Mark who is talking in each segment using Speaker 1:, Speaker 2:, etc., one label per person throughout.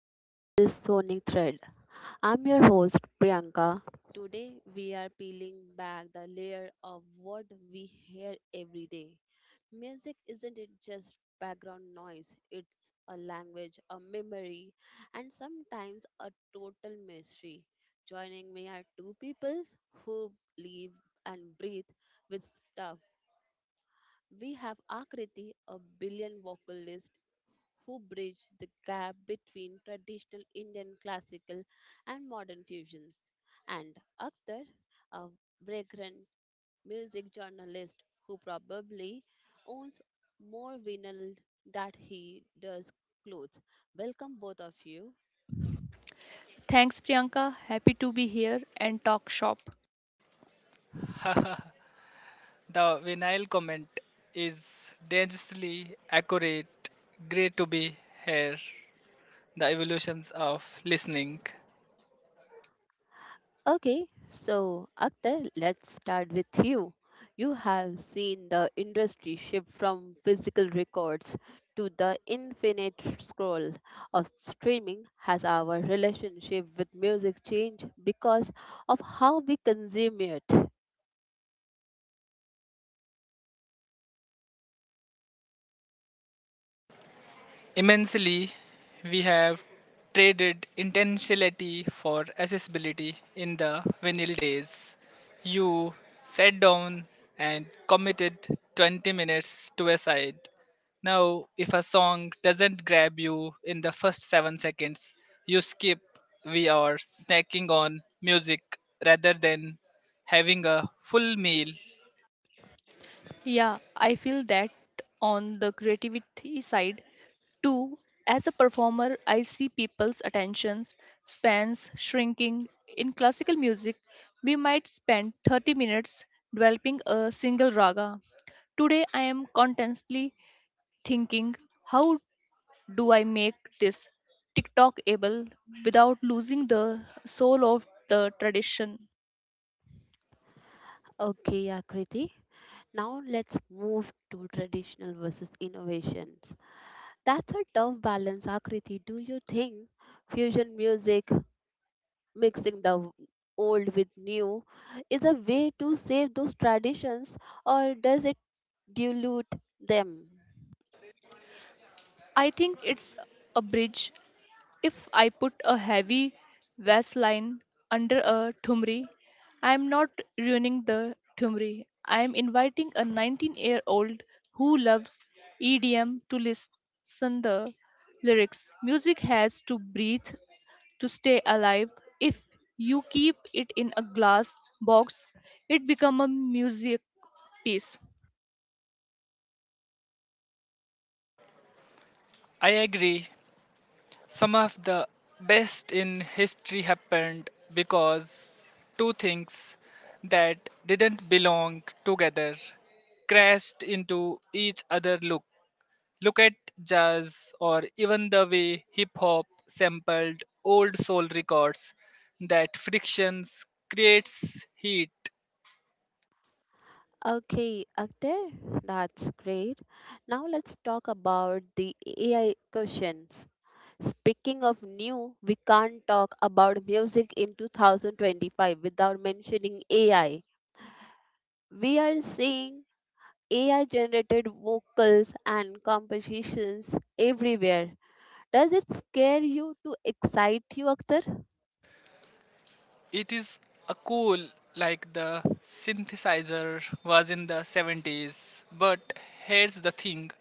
Speaker 1: back to this sonic thread. I'm your host Priyanka. Today we are peeling back the layer of what we hear every day. Music isn't it just background noise, it's a language, a memory, and sometimes a total mystery. Joining me are two people who live and breathe with stuff. We have Akriti, a billion vocalist who bridge the gap between traditional Indian classical and modern fusions, and Akhtar, a vagrant music journalist who probably owns more vinyl that he does clothes. Welcome both of you.
Speaker 2: Thanks, Priyanka. Happy to be here and talk shop.
Speaker 3: The vinyl comment is dangerously accurate. Great to be here. The evolutions of listening.
Speaker 1: Okay, so Akhtar, let's start with you. You have seen the industry shift from physical records to the infinite scroll of streaming. Has our relationship with music changed because of how we consume it?
Speaker 3: Immensely, we have traded intentionality for accessibility in the vinyl days. You sat down and committed 20 minutes to a side. Now, if a song doesn't grab you in the first 7 seconds, you skip. We are snacking on music rather than having a full meal.
Speaker 2: Yeah, I feel that on the creativity side too. As a performer, I see people's attention spans shrinking. In classical music, we might spend 30 minutes developing a single raga. Today, I am constantly thinking, how do I make this TikTok able without losing the soul of the tradition?
Speaker 1: Okay, Akriti. Now let's move to traditional versus innovations. That's a tough balance, Akriti. Do you think fusion music mixing the old with new is a way to save those traditions or does it dilute them?
Speaker 2: I think it's a bridge. If I put a heavy vase line under a tumri, I am not ruining the tumri. I am inviting a 19-year-old who loves EDM to listen the lyrics. Music has to breathe to stay alive. If you keep it in a glass box, it become a music piece.
Speaker 3: I agree. Some of the best in history happened because two things that didn't belong together crashed into each other. Look at jazz or even the way hip hop sampled old soul records. That frictions creates heat.
Speaker 1: Okay, Akhtar, that's great. Now let's talk about the AI questions. Speaking of new, we can't talk about music in 2025 without mentioning AI. We are seeing AI generated vocals and compositions everywhere. Does it scare you to excite you, Akhtar?
Speaker 3: It is a cool like the synthesizer was in the 70s, but here's the thing: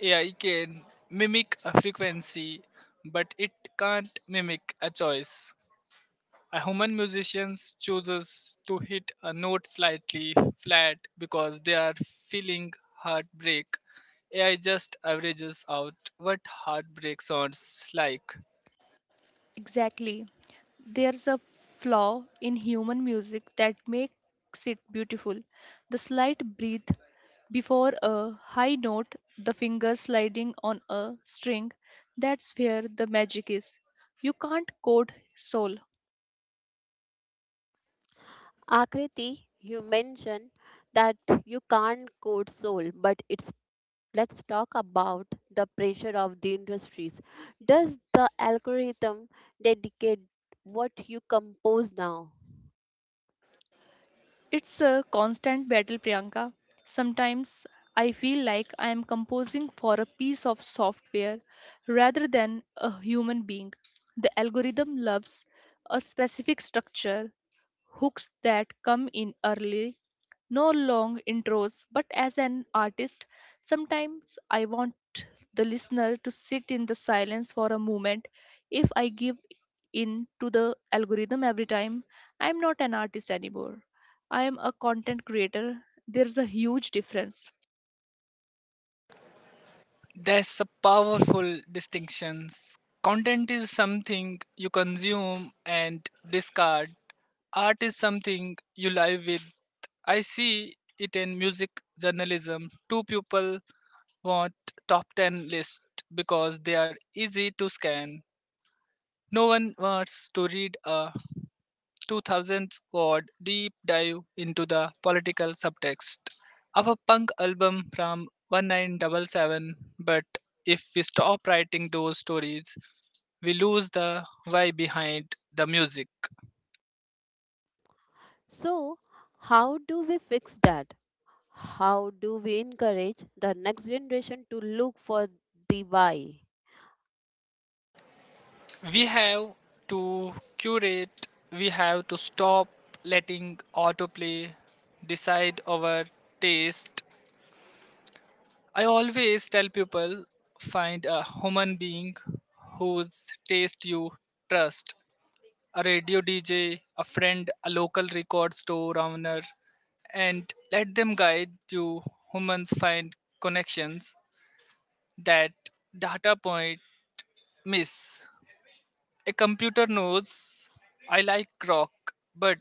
Speaker 3: AI can mimic a frequency, but it can't mimic a choice. A human musician chooses to hit a note slightly flat because they are feeling heartbreak. AI just averages out what heartbreak sounds like.
Speaker 2: Exactly. There's a flaw in human music that makes it beautiful. The slight breath before a high note, the finger sliding on a string, that's where the magic is. You can't code soul.
Speaker 1: Akriti, you mentioned that you can't code soul, but it's let's talk about the pressure of the industries. Does the algorithm dedicate what you compose now?
Speaker 2: It's a constant battle, Priyanka. Sometimes I feel like I am composing for a piece of software rather than a human being. The algorithm loves a specific structure hooks that come in early, no long intros, but as an artist, sometimes I want the listener to sit in the silence for a moment. If I give in to the algorithm every time, I'm not an artist anymore. I am a content creator. There's a huge difference.
Speaker 3: That's a powerful distinction. Content is something you consume and discard. Art is something you live with. I see it in music journalism. Two people want top 10 list because they are easy to scan. No one wants to read a 2000s squad deep dive into the political subtext of a punk album from one nine double seven. But if we stop writing those stories, we lose the why behind the music.
Speaker 1: So, how do we fix that? How do we encourage the next generation to look for the why?
Speaker 3: We have to curate. We have to stop letting autoplay decide our taste. I always tell people find a human being whose taste you trust, a radio DJ, a friend, a local record store owner, and let them guide you. Humans find connections that data point miss. A computer knows I like rock, but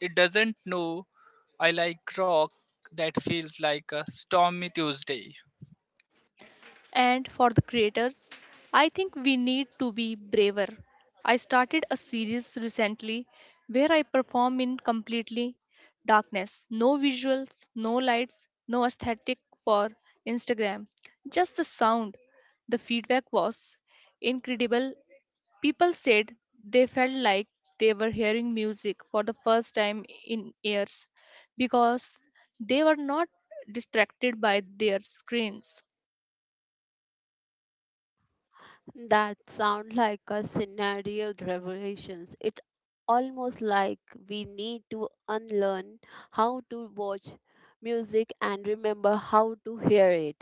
Speaker 3: it doesn't know I like rock that feels like a stormy Tuesday.
Speaker 2: And for the creators, I think we need to be braver. I started a series recently where I perform in completely darkness no visuals, no lights, no aesthetic for Instagram, just the sound. The feedback was incredible. People said they felt like they were hearing music for the first time in years because they were not distracted by their screens.
Speaker 1: That sound like a scenario revelations. It almost like we need to unlearn how to watch music and remember how to hear it.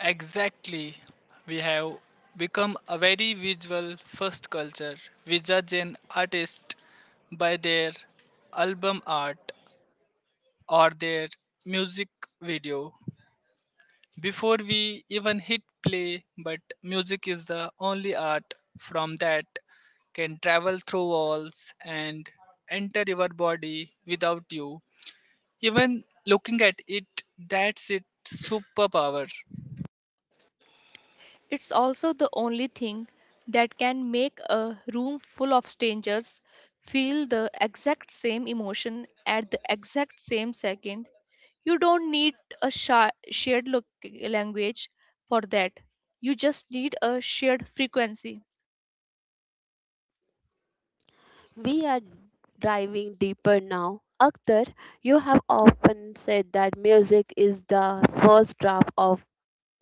Speaker 3: Exactly. We have become a very visual first culture. We judge an artist by their album art or their music video before we even hit play, but music is the only art from that can travel through walls and enter your body without you even looking at it. That's its superpower.
Speaker 2: It's also the only thing that can make a room full of strangers feel the exact same emotion at the exact same second. You don't need a language for that. You just need a shared frequency.
Speaker 1: We are diving deeper now. Akhtar, you have often said that music is the first draft of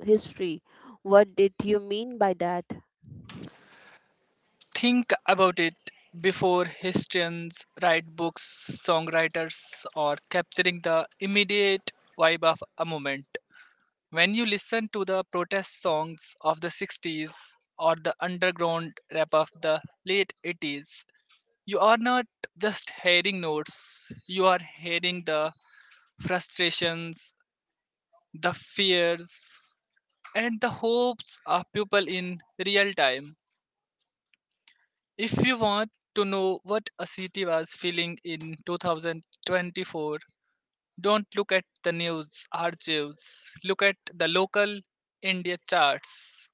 Speaker 1: history. What did you mean by that?
Speaker 3: Think about it, before historians write books, songwriters or capturing the immediate vibe of a moment. When you listen to the protest songs of the 60s or the underground rap of the late 80s, you are not just hearing notes, you are hearing the frustrations, the fears, and the hopes of people in real time. If you want to know what a city was feeling in 2024, don't look at the news archives. Look at the local India charts.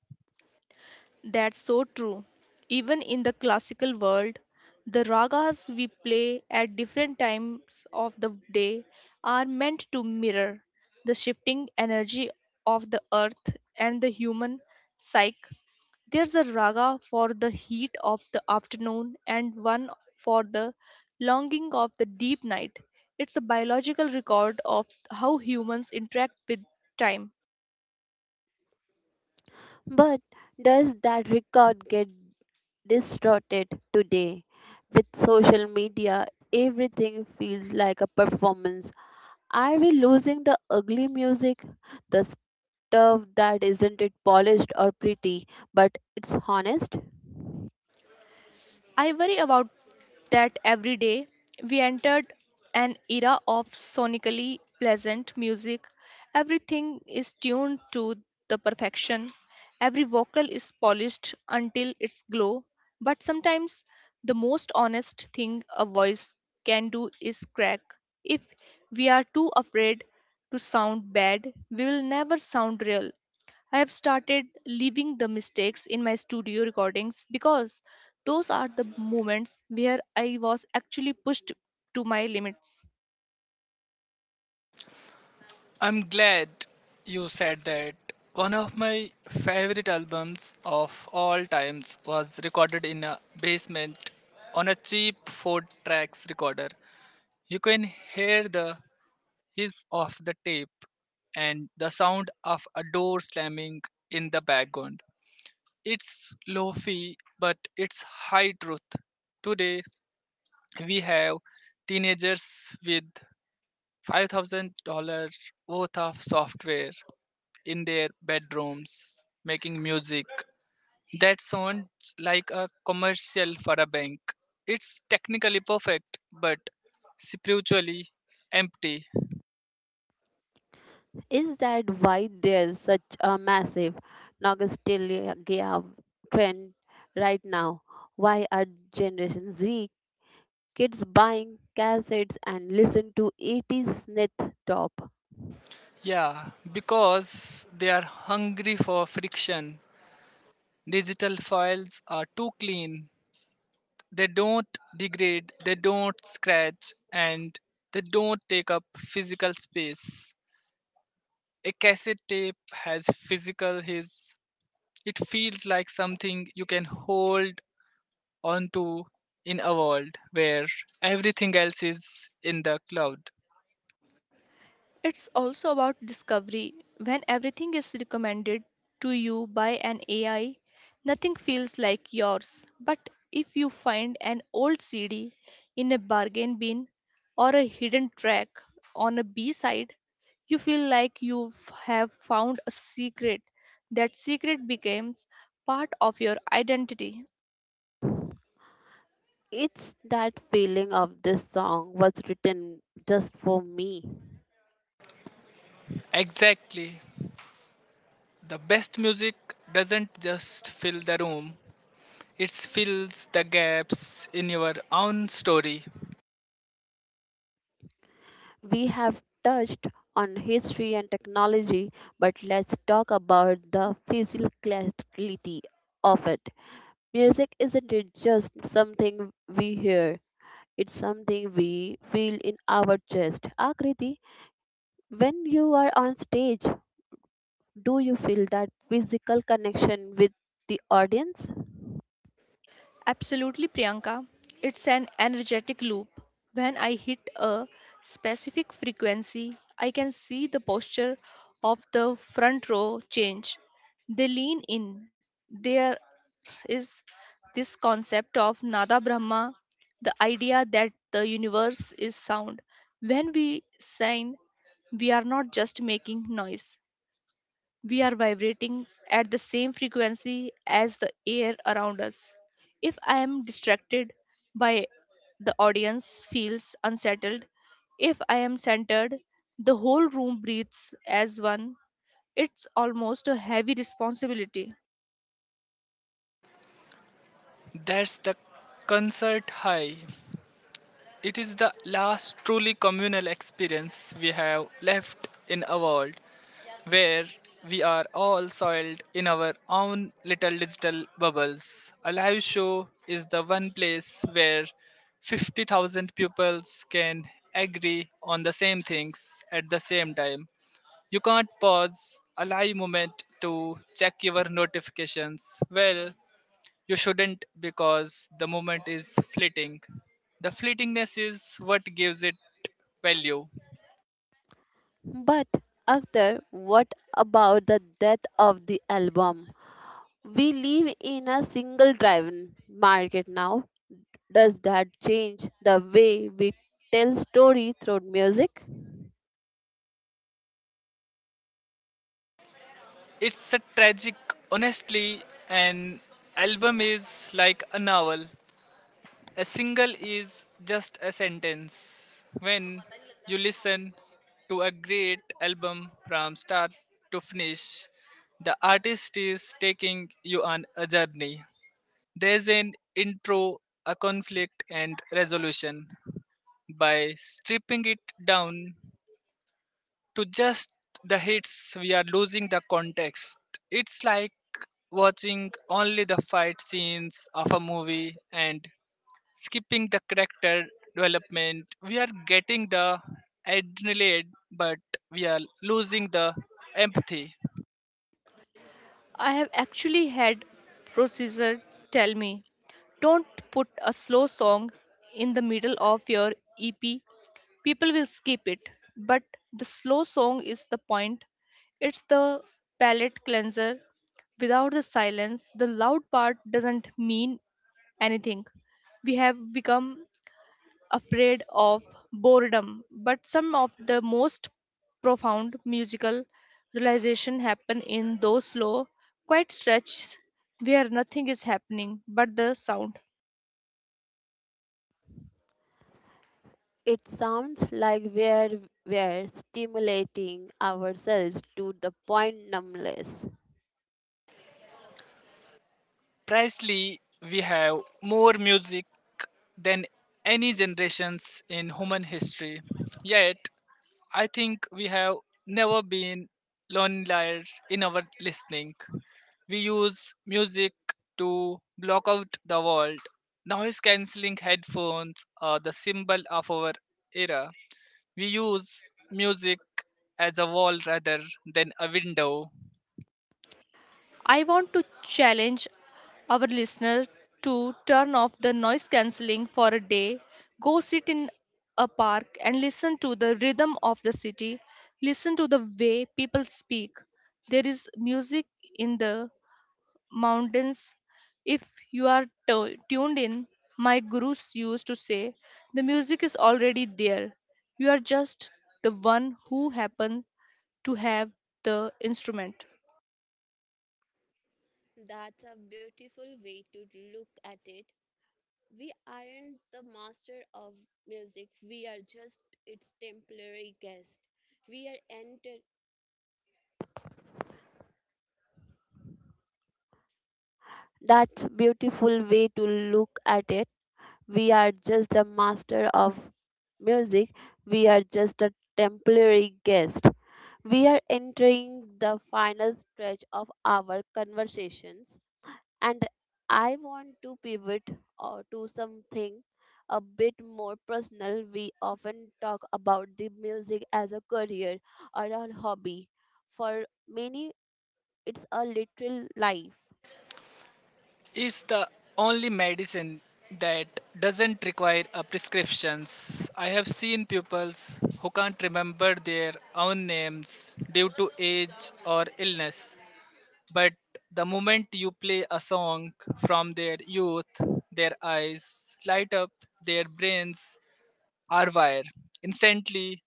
Speaker 2: That's so true. Even in the classical world, the ragas we play at different times of the day are meant to mirror the shifting energy of the earth and the human psyche. There's a raga for the heat of the afternoon and one for the longing of the deep night. It's a biological record of how humans interact with time.
Speaker 1: But does that record get distorted today. With social media, everything feels like a performance. Are we losing the ugly music? The stuff that isn't it polished or pretty, but it's honest?
Speaker 2: I worry about that every day. We entered an era of sonically pleasant music. Everything is tuned to the perfection. Every vocal is polished until its glow. But sometimes the most honest thing a voice can do is crack. If we are too afraid to sound bad, we will never sound real. I have started leaving the mistakes in my studio recordings because those are the moments where I was actually pushed to my limits.
Speaker 3: I'm glad you said that. One of my favorite albums of all times was recorded in a basement on a cheap four tracks recorder. You can hear the hiss of the tape and the sound of a door slamming in the background. It's low fee, but it's high truth. Today, we have teenagers with $5,000 worth of software in their bedrooms making music. That sounds like a commercial for a bank. It's technically perfect, but spiritually empty.
Speaker 1: Is that why there's such a massive nostalgia trend right now? Why are Generation Z kids buying cassettes and listen to 80's synth top?
Speaker 3: Yeah, because they are hungry for friction. Digital files are too clean. They don't degrade, they don't scratch, and they don't take up physical space. A cassette tape has physical his. It feels like something you can hold onto in a world where everything else is in the cloud.
Speaker 2: It's also about discovery. When everything is recommended to you by an AI, nothing feels like yours. But if you find an old CD in a bargain bin or a hidden track on a B side, you feel like you have found a secret. That secret becomes part of your identity.
Speaker 1: It's that feeling of this song was written just for me.
Speaker 3: Exactly. The best music doesn't just fill the room, it fills the gaps in your own story.
Speaker 1: We have touched on history and technology, but let's talk about the physicality of it. Music isn't it just something we hear, it's something we feel in our chest. Akriti, when you are on stage, do you feel that physical connection with the audience?
Speaker 2: Absolutely, Priyanka. It's an energetic loop. When I hit a specific frequency, I can see the posture of the front row change. They lean in. There is this concept of Nada Brahma, the idea that the universe is sound. When we sing, we are not just making noise, we are vibrating at the same frequency as the air around us. If I am distracted by the audience feels unsettled, if I am centered, the whole room breathes as one. It's almost a heavy responsibility.
Speaker 3: That's the concert high. It is the last truly communal experience we have left in a world where we are all soiled in our own little digital bubbles. A live show is the one place where 50,000 pupils can agree on the same things at the same time. You can't pause a live moment to check your notifications. Well, you shouldn't, because the moment is fleeting. The fleetingness is what gives it value.
Speaker 1: But after what about the death of the album? We live in a single driven market now. Does that change the way we tell story through music?
Speaker 3: It's a tragic, honestly. An album is like a novel. A single is just a sentence. When you listen to a great album from start to finish, the artist is taking you on a journey. There's an intro, a conflict, and resolution. By stripping it down to just the hits, we are losing the context. It's like watching only the fight scenes of a movie and skipping the character development. We are getting the adrenaline, but we are losing the empathy.
Speaker 2: I have actually had procedure tell me, don't put a slow song in the middle of your EP. People will skip it, but the slow song is the point. It's the palate cleanser. Without the silence, the loud part doesn't mean anything. We have become afraid of boredom, but some of the most profound musical realization happen in those slow, quiet stretches where nothing is happening but the sound.
Speaker 1: It sounds like we're stimulating ourselves to the point numbness.
Speaker 3: Precisely, we have more music than any generations in human history. Yet, I think we have never been lonelier in our listening. We use music to block out the world. Noise cancelling headphones are the symbol of our era. We use music as a wall rather than a window.
Speaker 2: I want to challenge our listener to turn off the noise cancelling for a day, go sit in a park and listen to the rhythm of the city, listen to the way people speak. There is music in the mountains. If you are tuned in, my gurus used to say, the music is already there. You are just the one who happens to have the instrument.
Speaker 1: That's a beautiful way to look at it. We aren't the master of music. We are just its temporary guest. We are that's beautiful way to look at it. We are just the master of music. We are just a temporary guest. We are entering the final stretch of our conversations, and I want to pivot to something a bit more personal. We often talk about the music as a career or a hobby. For many, it's a literal life
Speaker 3: It's the only medicine that doesn't require a prescriptions. I have seen pupils who can't remember their own names due to age or illness, but the moment you play a song from their youth, their eyes light up, their brains our wire instantly.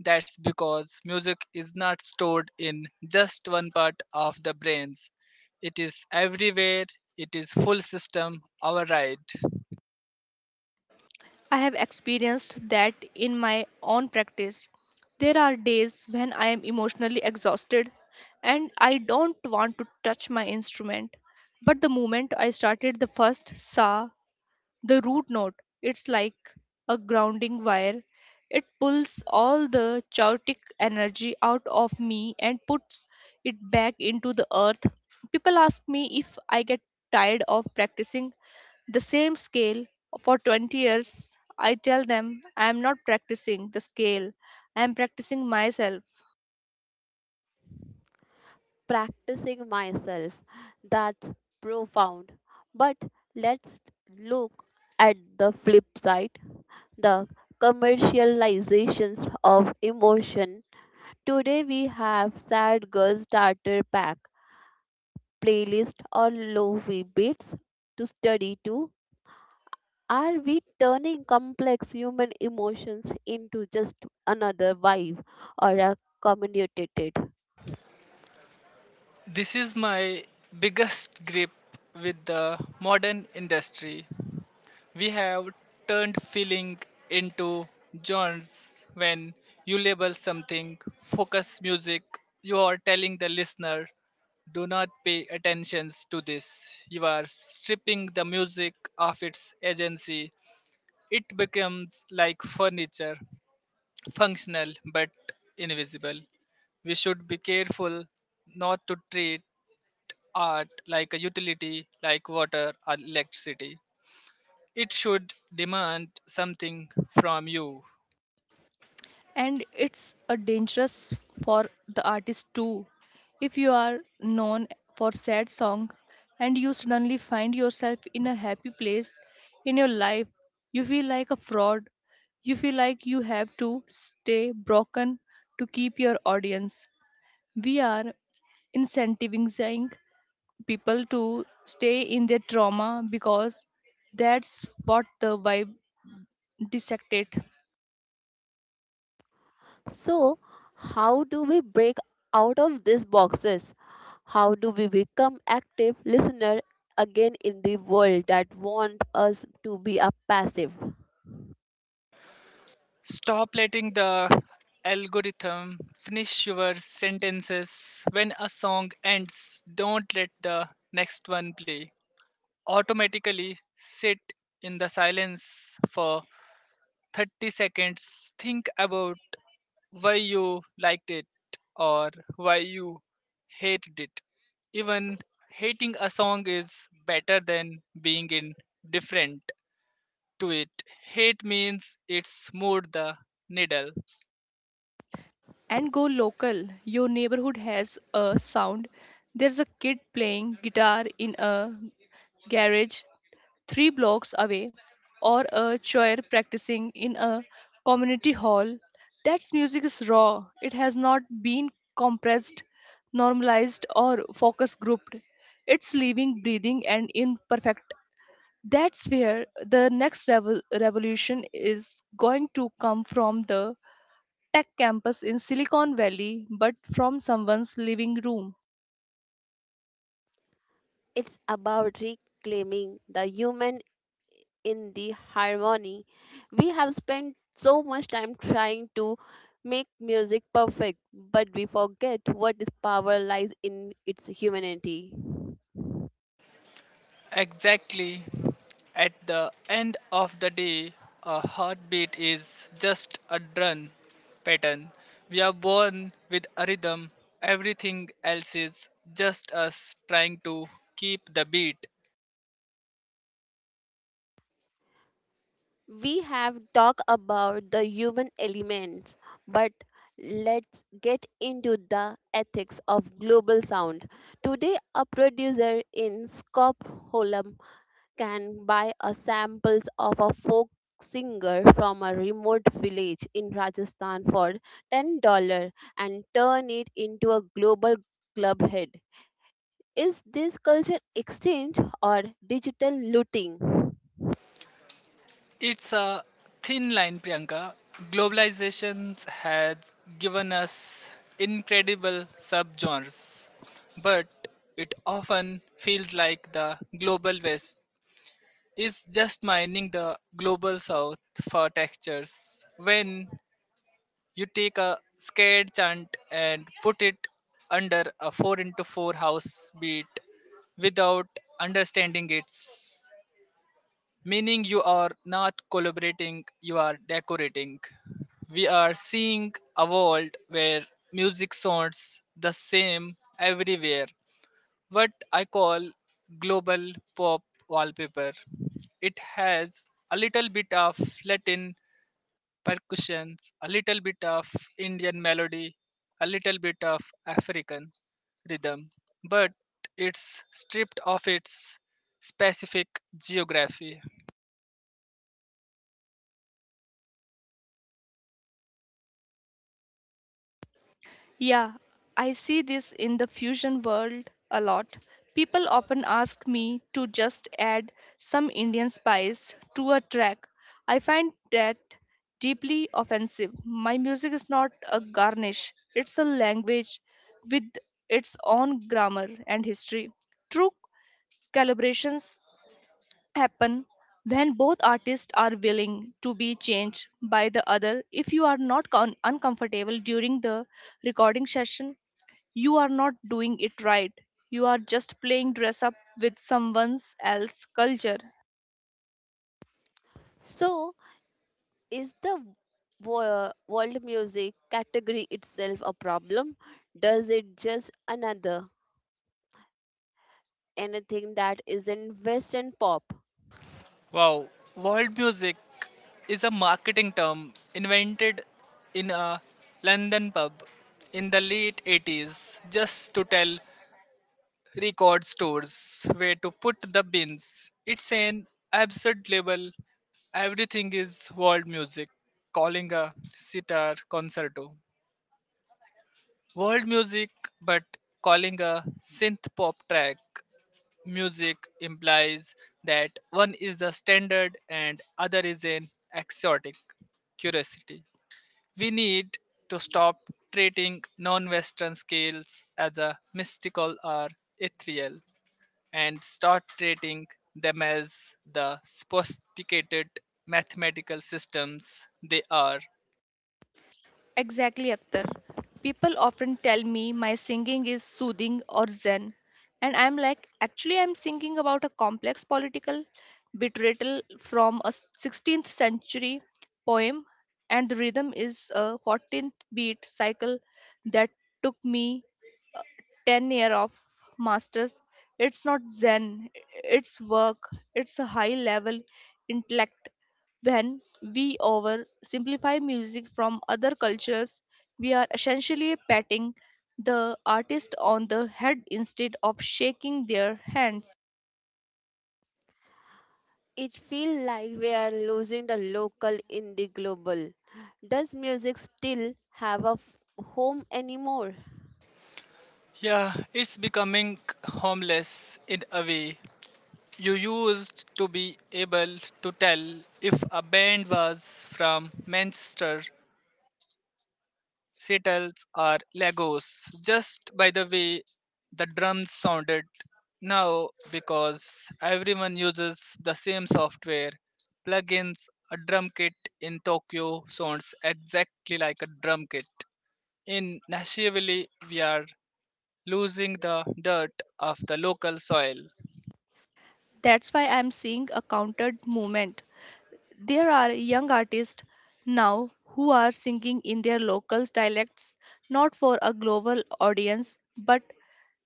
Speaker 3: That's because music is not stored in just one part of the brains. It is everywhere. It is full system override.
Speaker 2: I have experienced that in my own practice. There are days when I am emotionally exhausted and I don't want to touch my instrument. But the moment I started the first sa, the root note, it's like a grounding wire. It pulls all the chaotic energy out of me and puts it back into the earth. People ask me if I get tired of practicing the same scale for 20 years. I tell them, I am not practicing the scale, I am practicing myself.
Speaker 1: practicing myself. That's profound. But let's look at the flip side the commercializations of emotion. Today we have Sad Girl Starter Pack, playlist or lofi beats to study to. Are we turning complex human emotions into just another vibe or a commodity?
Speaker 3: This is my biggest grip with the modern industry. We have turned feeling into genres. When you label something focus music, you are telling the listener do not pay attention to this. You are stripping the music of its agency. It becomes like furniture, functional but invisible. We should be careful not to treat art like a utility, like water or electricity. It should demand something from you.
Speaker 2: And it's a dangerous for the artist too. If you are known for sad song and you suddenly find yourself in a happy place in your life, you feel like a fraud. You feel like you have to stay broken to keep your audience. We are incentivizing people to stay in their trauma because that's what the vibe dissected.
Speaker 1: So, how do we break out of these boxes? How do we become active listener again in the world that want us to be a passive?
Speaker 3: Stop letting the algorithm finish your sentences. When a song ends, don't let the next one play automatically. Sit in the silence for 30 seconds. Think about why you liked it or why you hated it. Even hating a song is better than being indifferent to it. Hate means it smote the needle.
Speaker 2: And go local. Your neighborhood has a sound. There's a kid playing guitar in a garage 3 blocks away or a choir practicing in a community hall. That music is raw. It has not been compressed, normalized or focus grouped. It's living, breathing and imperfect. That's where the next revolution is going to come from the tech campus in Silicon Valley, but from someone's living room.
Speaker 1: It's about reclaiming the human in the harmony. We have spent so much time trying to make music perfect, but we forget what its power lies in its humanity.
Speaker 3: Exactly. At the end of the day, a heartbeat is just a drum pattern. We are born with a rhythm. Everything else is just us trying to keep the beat.
Speaker 1: We have talked about the human elements, but let's get into the ethics of global sound. Today, a producer in Stockholm can buy a samples of a folk singer from a remote village in Rajasthan for $10 and turn it into a global club hit. Is this culture exchange or digital looting?
Speaker 3: It's a thin line, Priyanka. Globalization has given us incredible subgenres, but it often feels like the global west is just mining the global south for textures. When you take a scared chant and put it under a 4 into 4 house beat without understanding its meaning, you are not collaborating, you are decorating. We are seeing a world where music sounds the same everywhere. What I call global pop wallpaper. It has a little bit of Latin percussions, a little bit of Indian melody, a little bit of African rhythm, but it's stripped of its specific geography.
Speaker 2: Yeah, I see this in the fusion world a lot. People often ask me to just add some Indian spice to a track. I find that deeply offensive. My music is not a garnish, it's a language with its own grammar and history. True Calibrations happen when both artists are willing to be changed by the other. If you are not uncomfortable during the recording session, you are not doing it right. You are just playing dress up with someone else's culture.
Speaker 1: So, is the world music category itself a problem? Does it just another anything that isn't Western pop?
Speaker 3: Wow, world music is a marketing term invented in a London pub in the late 80s just to tell record stores where to put the bins. It's an absurd label. Everything is world music, calling a sitar concerto world music, but calling a synth pop track music implies that one is the standard and other is an exotic curiosity. We need to stop treating non Western scales as a mystical or ethereal and start treating them as the sophisticated mathematical systems they are.
Speaker 2: Exactly, Akhtar. People often tell me my singing is soothing or zen, and I'm like, actually, I'm singing about a complex political betrayal from a 16th century poem, and the rhythm is a 14th beat cycle that took me 10 year of masters. It's not zen, it's work. It's a high level intellect. When we oversimplify music from other cultures, we are essentially patting the artist on the head instead of shaking their hands.
Speaker 1: It feels like we are losing the local in the global. Does music still have a home anymore?
Speaker 3: Yeah, it's becoming homeless in a way. You used to be able to tell if a band was from Manchester, Seattle, or Lagos just by the way the drums sounded. Now, because everyone uses the same software, plugins, a drum kit in Tokyo sounds exactly like a drum kit. In Nashville, we are losing the dirt of the local soil.
Speaker 2: That's why I'm seeing a countered movement. There are young artists now who are singing in their local dialects, not for a global audience but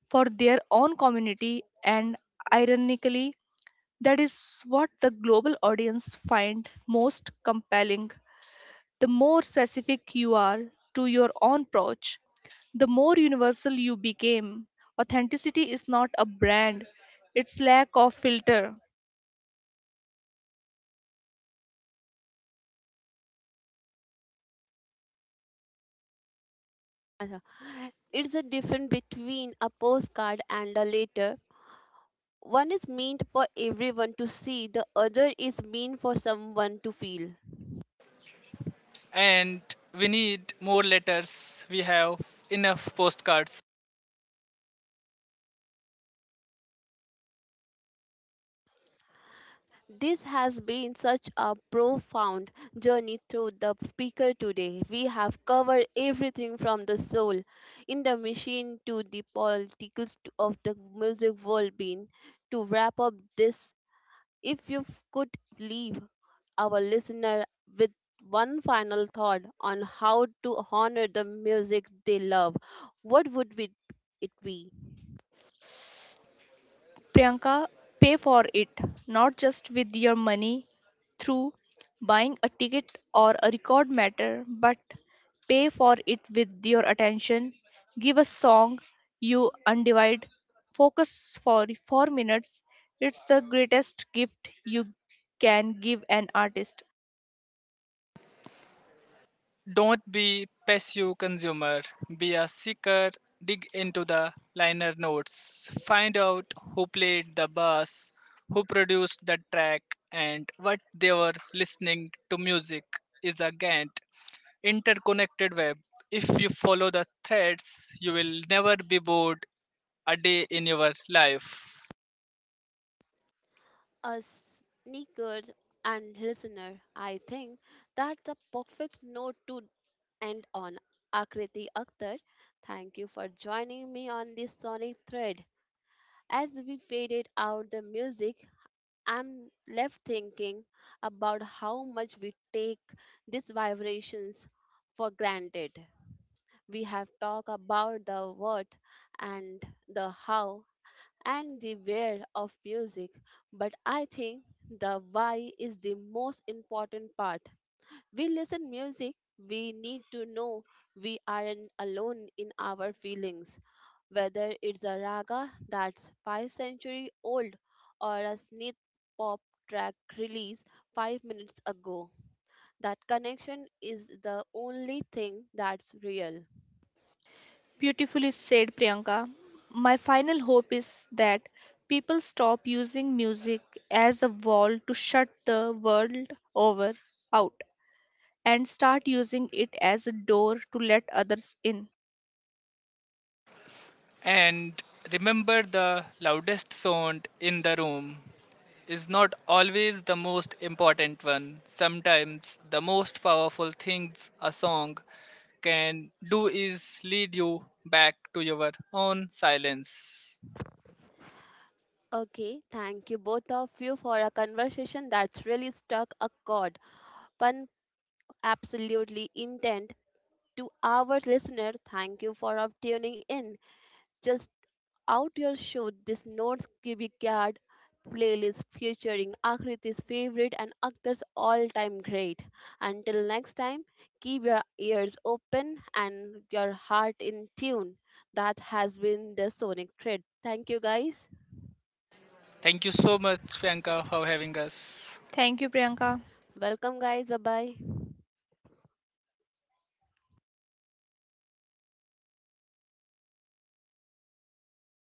Speaker 2: for their own community. And ironically, that is what the global audience find most compelling. The more specific you are to your own approach, the more universal you became. Authenticity is not a brand, it's lack of filter.
Speaker 1: अच्छा, it's a difference between a postcard and a letter. One is meant for everyone to see, the other is meant for someone to feel.
Speaker 3: And we need more letters. We have enough postcards.
Speaker 1: This has been such a profound journey through the speaker today. We have covered everything from the soul in the machine to the politics of the music world being. To wrap up this, if you could leave our listener with one final thought on how to honor the music they love, what would it be?
Speaker 2: Priyanka, pay for it, not just with your money through buying a ticket or a record matter, but pay for it with your attention. Give a song you undivide. Focus for 4 minutes. It's the greatest gift you can give an artist.
Speaker 3: Don't be passive consumer. Be a seeker. Dig into the liner notes. Find out who played the bass, who produced the track, and what they were listening to. Music is a Gantt interconnected web. If you follow the threads, you will never be bored a day in your life.
Speaker 1: A sneaker and listener, I think that's a perfect note to end on. Akriti Akhtar, thank you for joining me on this sonic thread. As we faded out the music, I'm left thinking about how much we take these vibrations for granted. We have talked about the what and the how, and the where of music. But I think the why is the most important part. We listen music, we need to know we aren't alone in our feelings, whether it's a raga that's five century old or a snith pop track released five minutes ago. That connection is the only thing that's real.
Speaker 2: Beautifully said, Priyanka. My final hope is that people stop using music as a wall to shut the world over out and start using it as a door to let others in.
Speaker 3: And remember, the loudest sound in the room is not always the most important one. Sometimes, the most powerful things a song can do is lead you back to your own silence.
Speaker 1: Okay, thank you both of you for a conversation that's really struck a chord. Panna absolutely intent. To our listener, thank you for of tuning in. Just out your show, this notes cubic playlist featuring Akriti's favorite and Akhtar's all-time great. Until next time, keep your ears open and your heart in tune. That has been the Sonic Thread. Thank you guys.
Speaker 3: Thank you so much, Priyanka, for having us.
Speaker 2: Thank you, Priyanka.
Speaker 1: Welcome guys. Bye bye.